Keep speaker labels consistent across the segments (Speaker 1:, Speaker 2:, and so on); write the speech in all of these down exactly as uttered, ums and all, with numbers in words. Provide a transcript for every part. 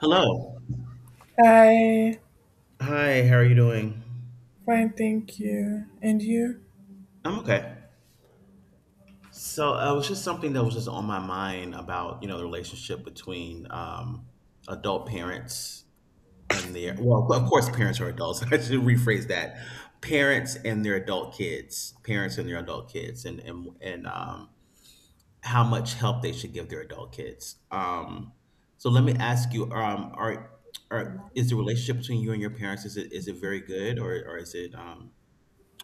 Speaker 1: Hello.
Speaker 2: Hi,
Speaker 1: Hi, how are you doing?
Speaker 2: fine, thank you. And you?
Speaker 1: I'm okay. So uh, it was just something that was just on my mind about, you know, the relationship between um, adult parents and their, well, of course, parents are adults. I should rephrase that. Parents and their adult kids, parents and their adult kids, and and and um, how much help they should give their adult kids. Um, so let me ask you, um, are are is the relationship between you and your parents, is it is it very good, or or is it um,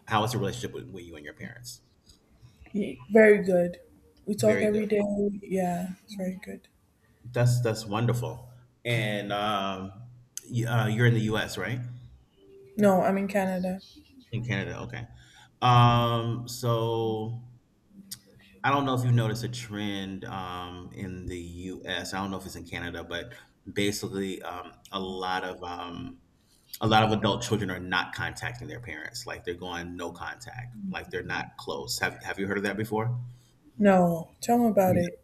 Speaker 1: how is your relationship with, with you and your parents?
Speaker 2: Ye- Very good. We talk
Speaker 1: Very good.
Speaker 2: every day. Yeah, it's very good.
Speaker 1: That's that's wonderful. And um, y- uh, you're in the U S, right?
Speaker 2: No, I'm in Canada.
Speaker 1: In Canada, okay. Um, so I don't know if you noticed a trend, um, in the U S. I don't know if it's in Canada, but basically, um, a lot of um, a lot of adult children are not contacting their parents. Like they're going no contact. Like they're not close. Have Have you heard of that before?
Speaker 2: No, tell me about it.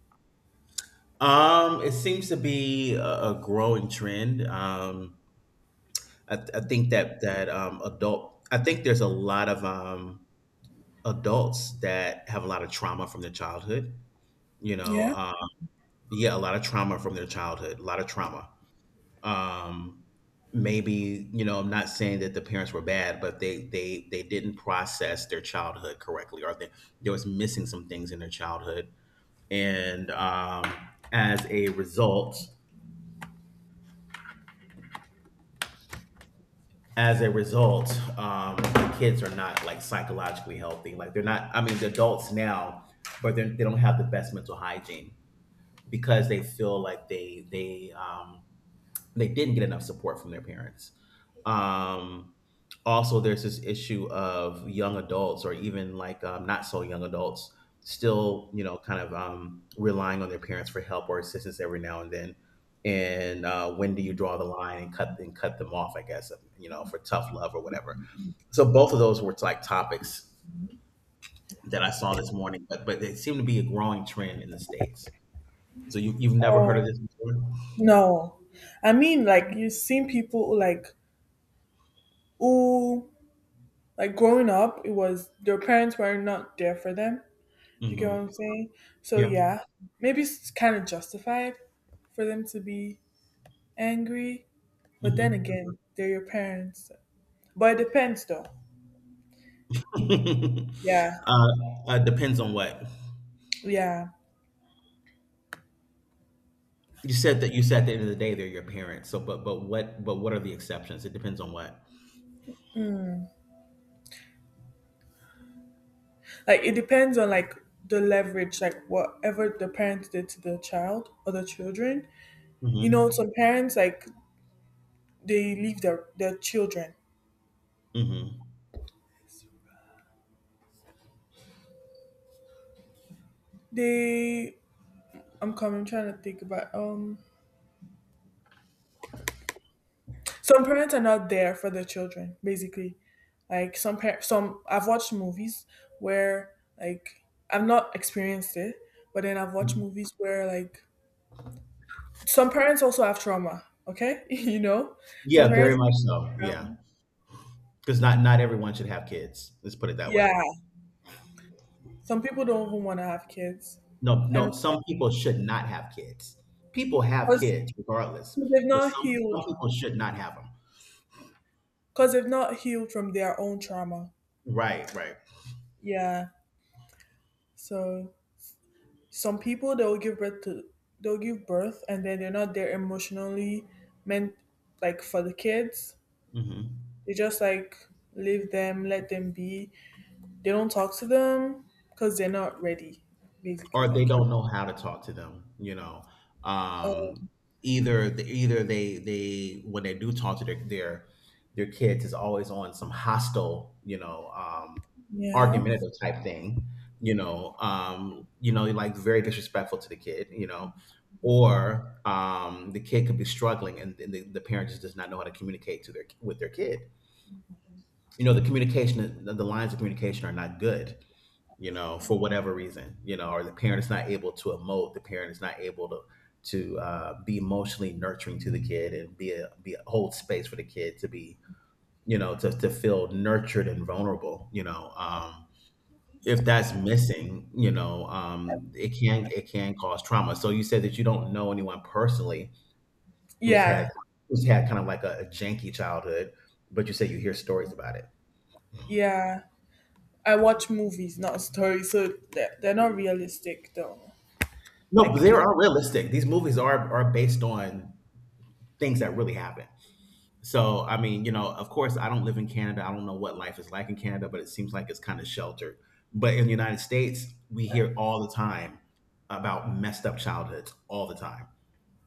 Speaker 1: Um, it seems to be a, a growing trend. Um, I, th- I think that that um, adult. I think there's a lot of um, adults that have a lot of trauma from their childhood. You know,
Speaker 2: Yeah?
Speaker 1: um, yeah, a lot of trauma from their childhood. A lot of trauma. Um, Maybe, you know, I'm not saying that the parents were bad, but they they they didn't process their childhood correctly, or they there was missing some things in their childhood, and um, as a result. As a result, um, the kids are not like psychologically healthy. Like they're not. I mean, the adults now, but they're- they do not have the best mental hygiene because they feel like they they um, they didn't get enough support from their parents. Um, Also, there's this issue of young adults, or even like um, not so young adults, still, you know, kind of um, relying on their parents for help or assistance every now and then. And uh, When do you draw the line and cut and cut them off? I guess, you know, for tough love or whatever. So both of those were like topics that I saw this morning, but but it seemed to be a growing trend in the states. So you, you've never heard of
Speaker 2: Oh,
Speaker 1: this before?
Speaker 2: no. I mean, like, you've seen people who, like, who, like, growing up, it was their parents were not there for them. Do you get what I'm
Speaker 1: Hmm.
Speaker 2: saying? So,
Speaker 1: Yeah.
Speaker 2: yeah, maybe it's kind of justified for them to be angry. But then
Speaker 1: Hmm.
Speaker 2: again, they're your parents. But it depends, though. Yeah,
Speaker 1: uh, uh, Depends on what
Speaker 2: yeah.
Speaker 1: you said. That you said at the end of the day, they're your parents. So, but but what but what are the exceptions? It depends on what.
Speaker 2: Like it depends on like the leverage, like whatever the parents did to the child or the children. You know,
Speaker 1: Hmm.
Speaker 2: some parents like they leave their their children.
Speaker 1: Hmm.
Speaker 2: They I'm coming I'm trying to think about um some parents are not there for their children, basically. Like some par- some I've watched movies where like I've not experienced it, but then I've watched movies where like some parents also have trauma, okay? you know? Some
Speaker 1: Yeah, very
Speaker 2: parents
Speaker 1: much
Speaker 2: have
Speaker 1: so. Yeah,
Speaker 2: trauma.
Speaker 1: because not not everyone should have kids. Let's put it that way.
Speaker 2: Yeah. Some people don't even want to have kids,
Speaker 1: No, no.
Speaker 2: and
Speaker 1: Some people should not have kids. People have
Speaker 2: because
Speaker 1: kids regardless,
Speaker 2: they've
Speaker 1: but
Speaker 2: not
Speaker 1: some
Speaker 2: healed,
Speaker 1: some people should not have them.
Speaker 2: because they've not healed from their own trauma.
Speaker 1: Right, right.
Speaker 2: Yeah. So some people they'll give birth to they'll give birth and then they're not there emotionally meant like for the kids.
Speaker 1: Hmm.
Speaker 2: They just like leave them, let them be. They don't talk to them because they're not ready, basically.
Speaker 1: Or they
Speaker 2: Like you.
Speaker 1: don't know how to talk to them, you know. Um,
Speaker 2: Um,
Speaker 1: either either they they when they do talk to their their their kids, is always on some hostile, you know, um,
Speaker 2: yeah.
Speaker 1: argumentative type thing, you know, um, you know, like very disrespectful to the kid, you know, or um, the kid could be struggling, and, and the, the parent just does not know how to communicate to their with their kid. You know, the communication, the, the lines of communication are not good, you know, for whatever reason, you know, or the parent is not able to emote, the parent is not able to to uh, be emotionally nurturing to the kid and be a be a hold space for the kid to be, you know, to to feel nurtured and vulnerable, you know. Um, if that's missing, you know, um, it can it can cause trauma. So you said that you don't know anyone personally who's had
Speaker 2: Yeah.
Speaker 1: who's had kind of like a, a janky childhood, but you say you hear stories about it.
Speaker 2: Yeah. I watch movies, not stories, so they're, they're not realistic though.
Speaker 1: No, but
Speaker 2: Like,
Speaker 1: they
Speaker 2: the-
Speaker 1: are realistic. These movies are are based on things that really happen. So, I mean, you know, of course, I don't live in Canada. I don't know what life is like in Canada, but it seems like it's kind of sheltered. But in the United States, we hear all the time about messed up childhoods all the time.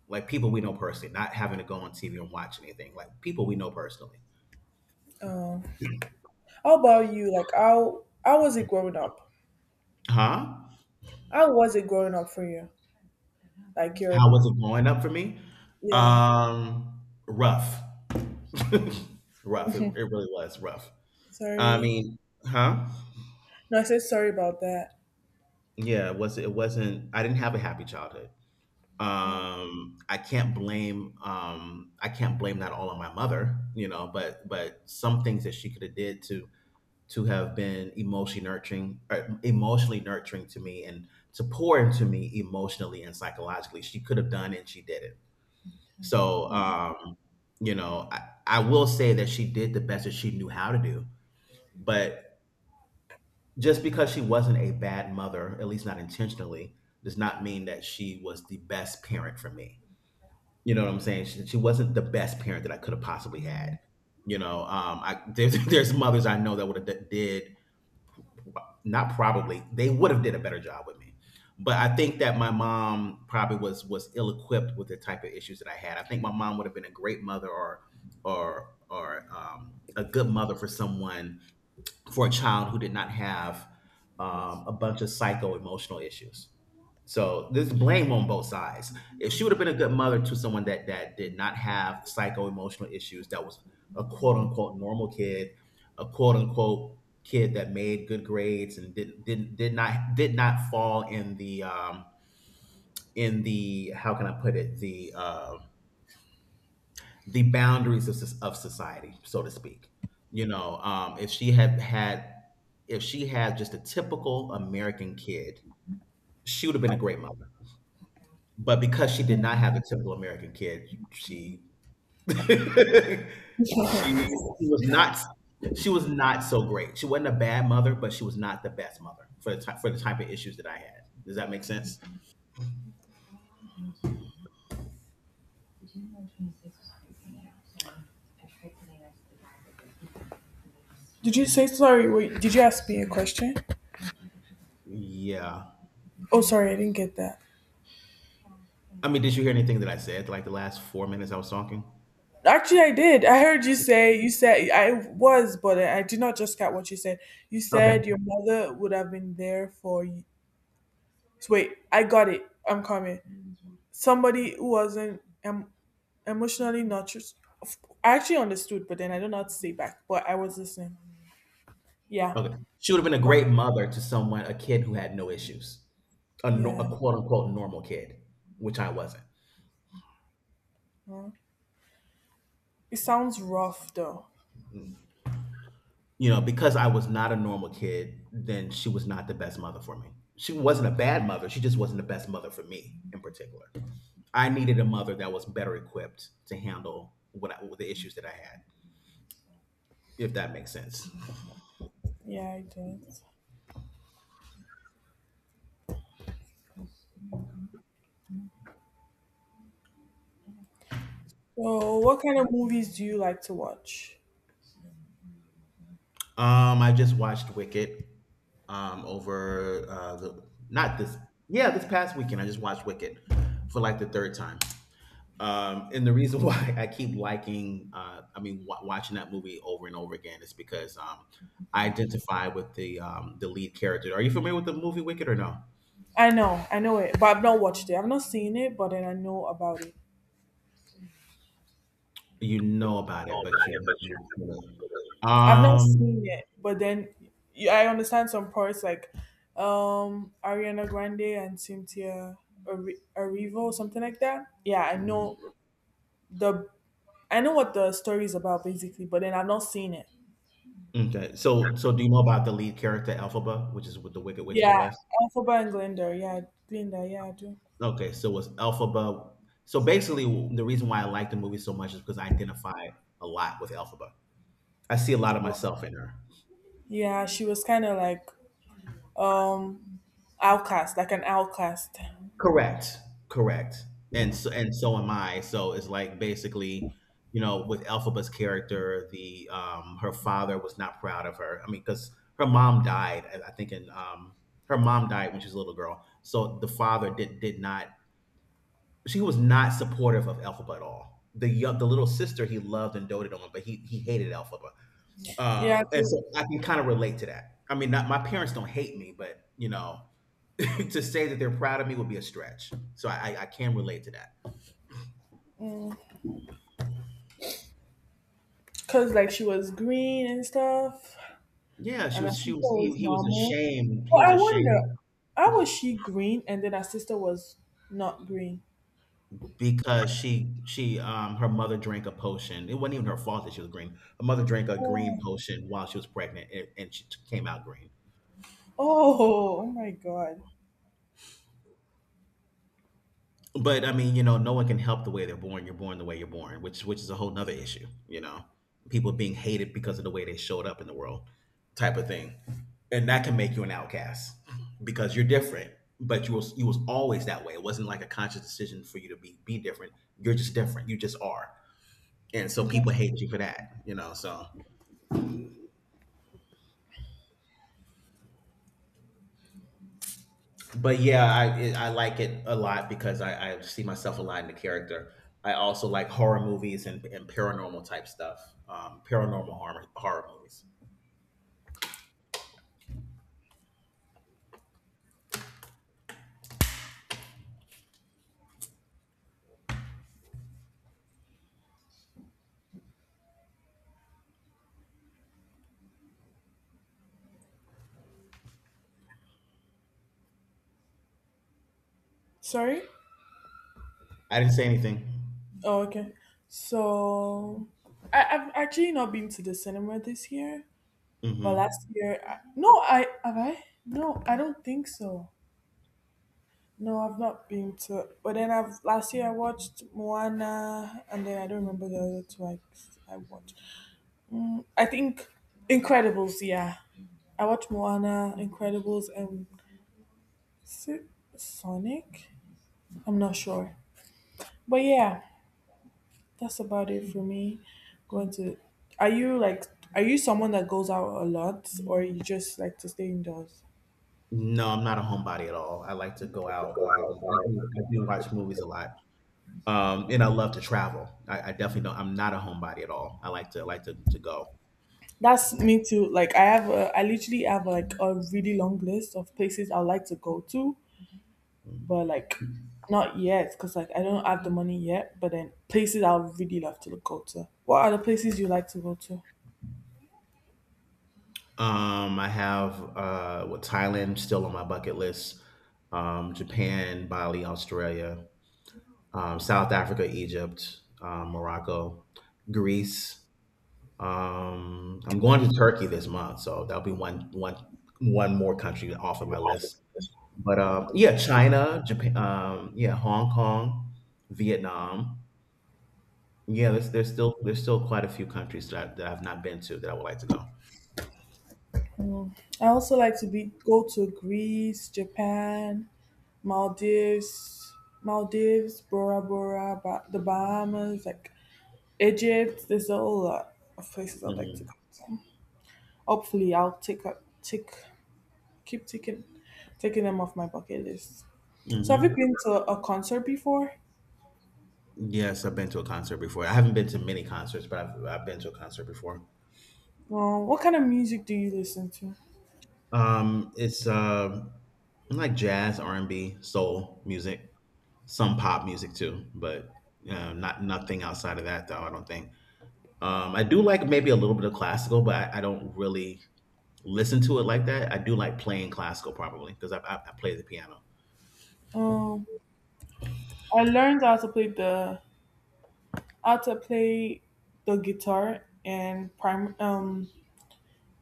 Speaker 1: Like people we know personally, not having to go on T V and watch anything. Like people we know personally.
Speaker 2: how about you? Like, how how was it growing up?
Speaker 1: Huh?
Speaker 2: How was it growing up for you? Like, your
Speaker 1: How was it growing up for me?
Speaker 2: yeah.
Speaker 1: Um, rough. Rough. It, it really was rough. I
Speaker 2: Sorry,
Speaker 1: mean, huh?
Speaker 2: no, I said sorry about that.
Speaker 1: Yeah, it was it wasn't I didn't have a happy childhood.
Speaker 2: Mm.
Speaker 1: Um, I can't blame, um, I can't blame that all on my mother, you know, but but some things that she could have did to to have been emotionally nurturing or emotionally nurturing to me and to pour into me emotionally and psychologically, she could have done and she did it. So, um, you know, I, I will say that she did the best that she knew how to do, but just because she wasn't a bad mother, at least not intentionally, does not mean that she was the best parent for me. You know what I'm saying? She, she wasn't the best parent that I could have possibly had. You know, um, I, there's, there's mothers I know that would have d- did not probably they would have did a better job with me, but I think that my mom probably was was ill equipped with the type of issues that I had. I think my mom would have been a great mother or or or um, a good mother for someone, for a child who did not have um, a bunch of psycho emotional issues. So there's blame on both sides. If she would have been a good mother to someone that that did not have psycho emotional issues, that was a quote unquote normal kid, a quote unquote kid that made good grades and didn't didn't did not did not fall in the um, in the, how can I put it, the um, the boundaries of, soc- of society, so to speak. You know, um, if she had had, if she had just a typical American kid, she would have been a great mother. But because she did not have a typical American kid, she she was not she was not so great. She wasn't a bad mother, but she was not the best mother for the type for the type of issues that I had. Does that make sense?
Speaker 2: Did you say sorry? Wait, did you ask me a question?
Speaker 1: Yeah.
Speaker 2: Oh, sorry, I didn't get that.
Speaker 1: I mean, did you hear anything that I said? Like the last four minutes I was talking.
Speaker 2: Actually, I did. I heard you say you said I was, but I did not just get what you said. You
Speaker 1: Okay.
Speaker 2: said your mother would have been there for you. So wait, I got it. I'm coming. Somebody who wasn't em- emotionally nurtured. Of- I actually understood, but then I don't know how to say back. But I was listening. Yeah,
Speaker 1: Okay. She would have been a
Speaker 2: but
Speaker 1: great mother to someone, a kid who had no issues, a, no,
Speaker 2: yeah,
Speaker 1: a quote unquote normal kid, which I wasn't.
Speaker 2: huh? It sounds rough though.
Speaker 1: Mm. You know, because I was not a normal kid, then she was not the best mother for me. She wasn't a bad mother. She just wasn't the best mother for me in particular. I needed a mother that was better equipped to handle what I, the issues that I had, if that makes sense.
Speaker 2: Yeah, it does. So, what kind of movies do you like to watch?
Speaker 1: Um, I just watched Wicked. Um, over uh, the not this yeah, this past weekend I just watched Wicked for like the third time. Um, and the reason why I keep liking uh, I mean, wa watching that movie over and over again is because um I identify with the um the lead character. Are you familiar with the movie Wicked or no?
Speaker 2: I know, I know it, but I've not watched it. I've not seen it, but then I know about it.
Speaker 1: You know about it, but you have not seen it.
Speaker 2: I've not seen
Speaker 1: Um.
Speaker 2: it, but then y- I understand some parts like um Ariana Grande and Cynthia Ari- Erivo, something like that. Yeah, I
Speaker 1: Mm.
Speaker 2: know the I know what the story is about basically, but then I've not seen it.
Speaker 1: Okay, so so do you know about the lead character Elphaba, which is with the Wicked Witch of the
Speaker 2: Yeah,
Speaker 1: West?
Speaker 2: Elphaba and Glinda. Yeah, Glinda. Yeah, I do.
Speaker 1: Okay, so it was Elphaba. So basically, the reason why I like the movie so much is because I identify a lot with Elphaba. I see a lot of myself in her.
Speaker 2: Yeah, she was kind of like um outcast, like an outcast.
Speaker 1: Correct, correct, and so and so am I. So it's like basically, you know, with Elphaba's character, the um, her father was not proud of her. I mean, because her mom died, I I think, in um, her mom died when she was a little girl. So the father did did not. She was not supportive of Elphaba at all. The young, the little sister he loved and doted on, but he he hated Elphaba.
Speaker 2: Yeah,
Speaker 1: Um, and so I can kind of relate to that. I mean, not, my parents don't hate me, but you know, to say that they're proud of me would be a stretch. So I, I, I can relate to that.
Speaker 2: because like she was green and stuff,
Speaker 1: Yeah, she
Speaker 2: and her
Speaker 1: was she
Speaker 2: sister
Speaker 1: was he,
Speaker 2: was
Speaker 1: he was
Speaker 2: normal.
Speaker 1: ashamed. He
Speaker 2: Well,
Speaker 1: was
Speaker 2: I wonder,
Speaker 1: ashamed
Speaker 2: how was she green and then her sister was not green?
Speaker 1: because she she um her mother drank a potion. It wasn't even her fault that she was green. Her mother drank a green
Speaker 2: Oh,
Speaker 1: potion while she was pregnant, and, and she t- came out green.
Speaker 2: oh, oh my God!
Speaker 1: But I mean, you know, no one can help the way they're born. You're born the way you're born, which which is a whole nother issue, you know. People being hated because of the way they showed up in the world, type of thing. And that can make you an outcast because you're different, but you was you was always that way. It wasn't like a conscious decision for you to be be different. You're just different. You just are. And so
Speaker 2: You
Speaker 1: people
Speaker 2: just
Speaker 1: hate you for that, you know. So but yeah, I it, I like it a lot because I, I see myself a lot in the character. I also like horror movies and, and paranormal type stuff. Um, paranormal horror horror movies.
Speaker 2: sorry.
Speaker 1: I didn't say anything.
Speaker 2: Oh, okay. So I, I've actually not been to the cinema this year, but last
Speaker 1: Hmm.
Speaker 2: year, I, no, I have I. No, I don't think so. No, I've not been to. But then I've last year I watched Moana, and then I don't remember the other two I, I watched. Mm, I think Incredibles. Yeah, I watched Moana, Incredibles, and is it Sonic. I'm not sure, but yeah. That's about it for me. Going to, are you like, are you someone that goes out a lot, or you just like to stay indoors?
Speaker 1: No, I'm not a homebody at all. I like to go out. Um, I do I do watch movies a lot. Um, and I love to travel. I, I definitely don't. I'm not a homebody at all. I like to like to to go.
Speaker 2: That's me too. Like I have, a, I literally have like a really long list of places I would like to go to, but like not yet because like I don't have the money yet. But then places I would really love to go to. What are the places you like to go to?
Speaker 1: Um, I have uh, what, Thailand, still on my bucket list, um, Japan, Bali, Australia, um, South Africa, Egypt, um, Morocco, Greece. Um, I'm going to Turkey this month, so that'll be one one one more country off of my list. But um, yeah, China, Japan, um, yeah, Hong Kong, Vietnam. Yeah, there's there's still there's still quite a few countries that I, that I've not been to that I would like to go.
Speaker 2: I also like to be go to Greece, Japan, Maldives, Maldives, Bora Bora, ba- the Bahamas. Like Egypt. There's a whole lot of places I'd like to
Speaker 1: Hmm.
Speaker 2: go. Hopefully, I'll take a take keep taking taking them off my bucket list. So, have you
Speaker 1: Hmm.
Speaker 2: been to a concert before?
Speaker 1: Yes, I've been to a concert before. I haven't been to many concerts, but I've I've been to a concert before.
Speaker 2: Um, what kind of music do you listen to?
Speaker 1: Um, it's um like jazz, R and B, soul music, some pop music too, but uh, not nothing outside of that though. I don't think. Um, I do like maybe a little bit of classical, but I, I don't really listen to it like that. I do like playing classical probably because I, I, I play the piano.
Speaker 2: Um, I learned how to play the how to play the guitar in prime um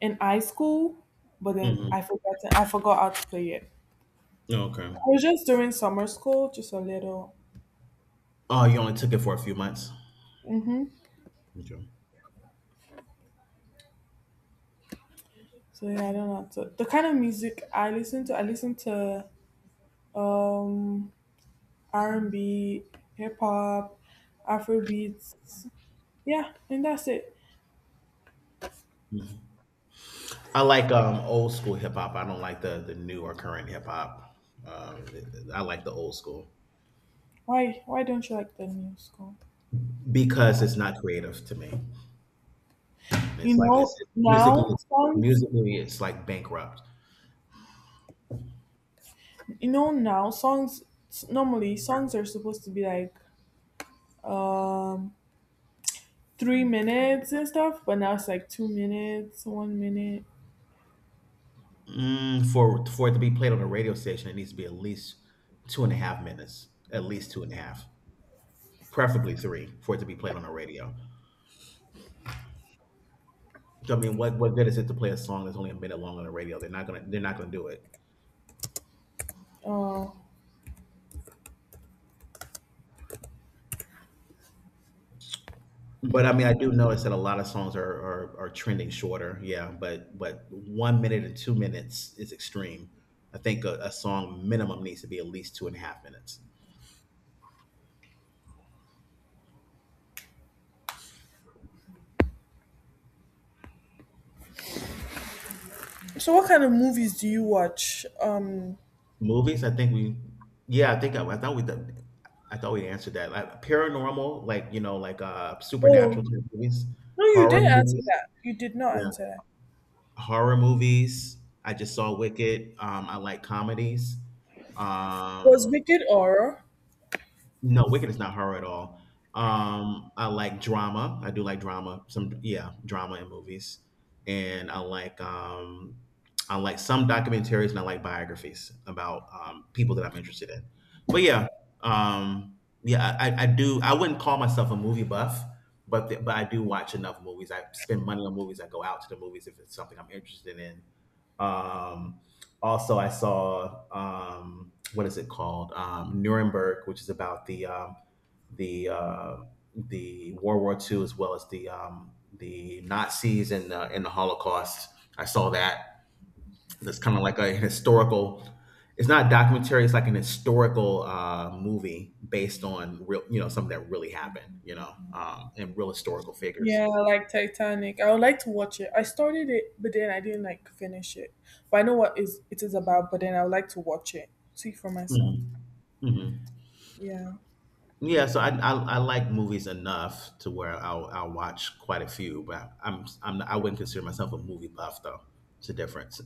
Speaker 2: in high school, but then
Speaker 1: Hmm.
Speaker 2: I forgot I forgot how to play it.
Speaker 1: Okay.
Speaker 2: I was just doing summer school, just a little.
Speaker 1: Oh, you only took it for a few months.
Speaker 2: Mm-hmm.
Speaker 1: Okay.
Speaker 2: So yeah, I don't know. So the kind of music I listen to, I listen to um R and B, hip hop, Afro beats. Yeah, and that's it.
Speaker 1: Mhm. I like um, old school hip hop. I don't like the the new or current hip hop. Um, I like the old school
Speaker 2: Why why don't you like the new song?
Speaker 1: because it's not creative to me.
Speaker 2: You
Speaker 1: It's like it's
Speaker 2: know
Speaker 1: it's musically
Speaker 2: now songs.
Speaker 1: Musically it's like bankrupt.
Speaker 2: You know now songs. Normally songs are supposed to be like um three minutes and stuff, but now it's like two minutes, one minute.
Speaker 1: Mm, for for it to be played on a radio station, it needs to be at least two and a half minutes, at least two and a half, preferably three, for it to be played on the radio. So, I mean, what what good is it to play a song that's only a minute long on the radio? They're not gonna they're not gonna do it.
Speaker 2: Uh,
Speaker 1: But I mean, I do notice that a lot of songs are are, are trending shorter. Yeah, but but one minute and two minutes is extreme. I think a, a song minimum needs to be at least two and a half minutes.
Speaker 2: so what kind of movies do you watch? Um,
Speaker 1: Movies, I think we, yeah, I think I, I thought we, done- I thought we answered that. Like paranormal, like you know, like uh,
Speaker 2: oh
Speaker 1: supernatural type movies,
Speaker 2: No, you
Speaker 1: horror
Speaker 2: did answer
Speaker 1: movies,
Speaker 2: that. You did not
Speaker 1: yeah,
Speaker 2: answer that.
Speaker 1: horror movies. I just saw Wicked. Um, I like comedies.
Speaker 2: Was
Speaker 1: Um,
Speaker 2: Wicked horror?
Speaker 1: No, Wicked is not horror at all. Um, I like drama. I do like drama. Some yeah, drama in movies, and I like um, I like some documentaries and I like biographies about um, people that I'm interested in. But yeah, um, yeah, I, I I do. I wouldn't call myself a movie buff, but the, but I do watch enough movies. I spend money on movies. I go out to the movies if it's something I'm interested in. Um, also, I saw um, what is it called, um, Nuremberg, which is about the um, the uh, the World War the second as well as the um, the Nazis and the, and the Holocaust. I saw that. That's kind of like a historical. It's not a documentary. It's like an historical uh, movie based on real, you know, something that really happened, you know, um, and real historical figures.
Speaker 2: Yeah, like Titanic. I would like to watch it. I started it, but then I didn't like finish it. But I know what is it is about. But then I would like to watch it, see for
Speaker 1: Hmm.
Speaker 2: myself.
Speaker 1: Hmm.
Speaker 2: Yeah,
Speaker 1: Yeah, so I, I I like movies enough to where I'll I'll watch quite a few, but I'm I'm I wouldn't consider myself a movie buff though. It's a difference.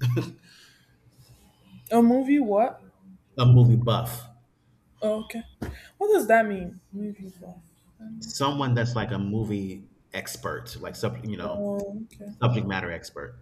Speaker 2: a movie. What?
Speaker 1: A movie buff,
Speaker 2: Oh, okay. What does that mean? Movie. What? I don't
Speaker 1: someone
Speaker 2: understand.
Speaker 1: that's like a movie expert, like sub you know
Speaker 2: Oh, okay.
Speaker 1: subject matter expert.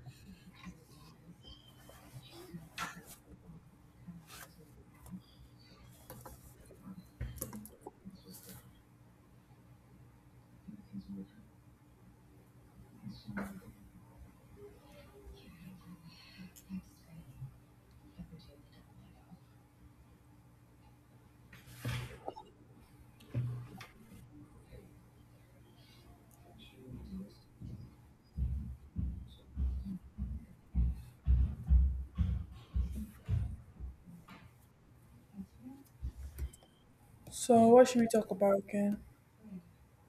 Speaker 2: So what should we talk about again?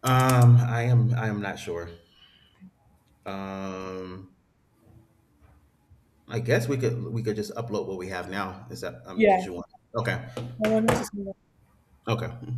Speaker 1: Um, I am I am not sure. Um, I guess we could we could just upload what we have now. Is that um? Did
Speaker 2: Yeah,
Speaker 1: you want? Okay,
Speaker 2: I wanted to see
Speaker 1: okay.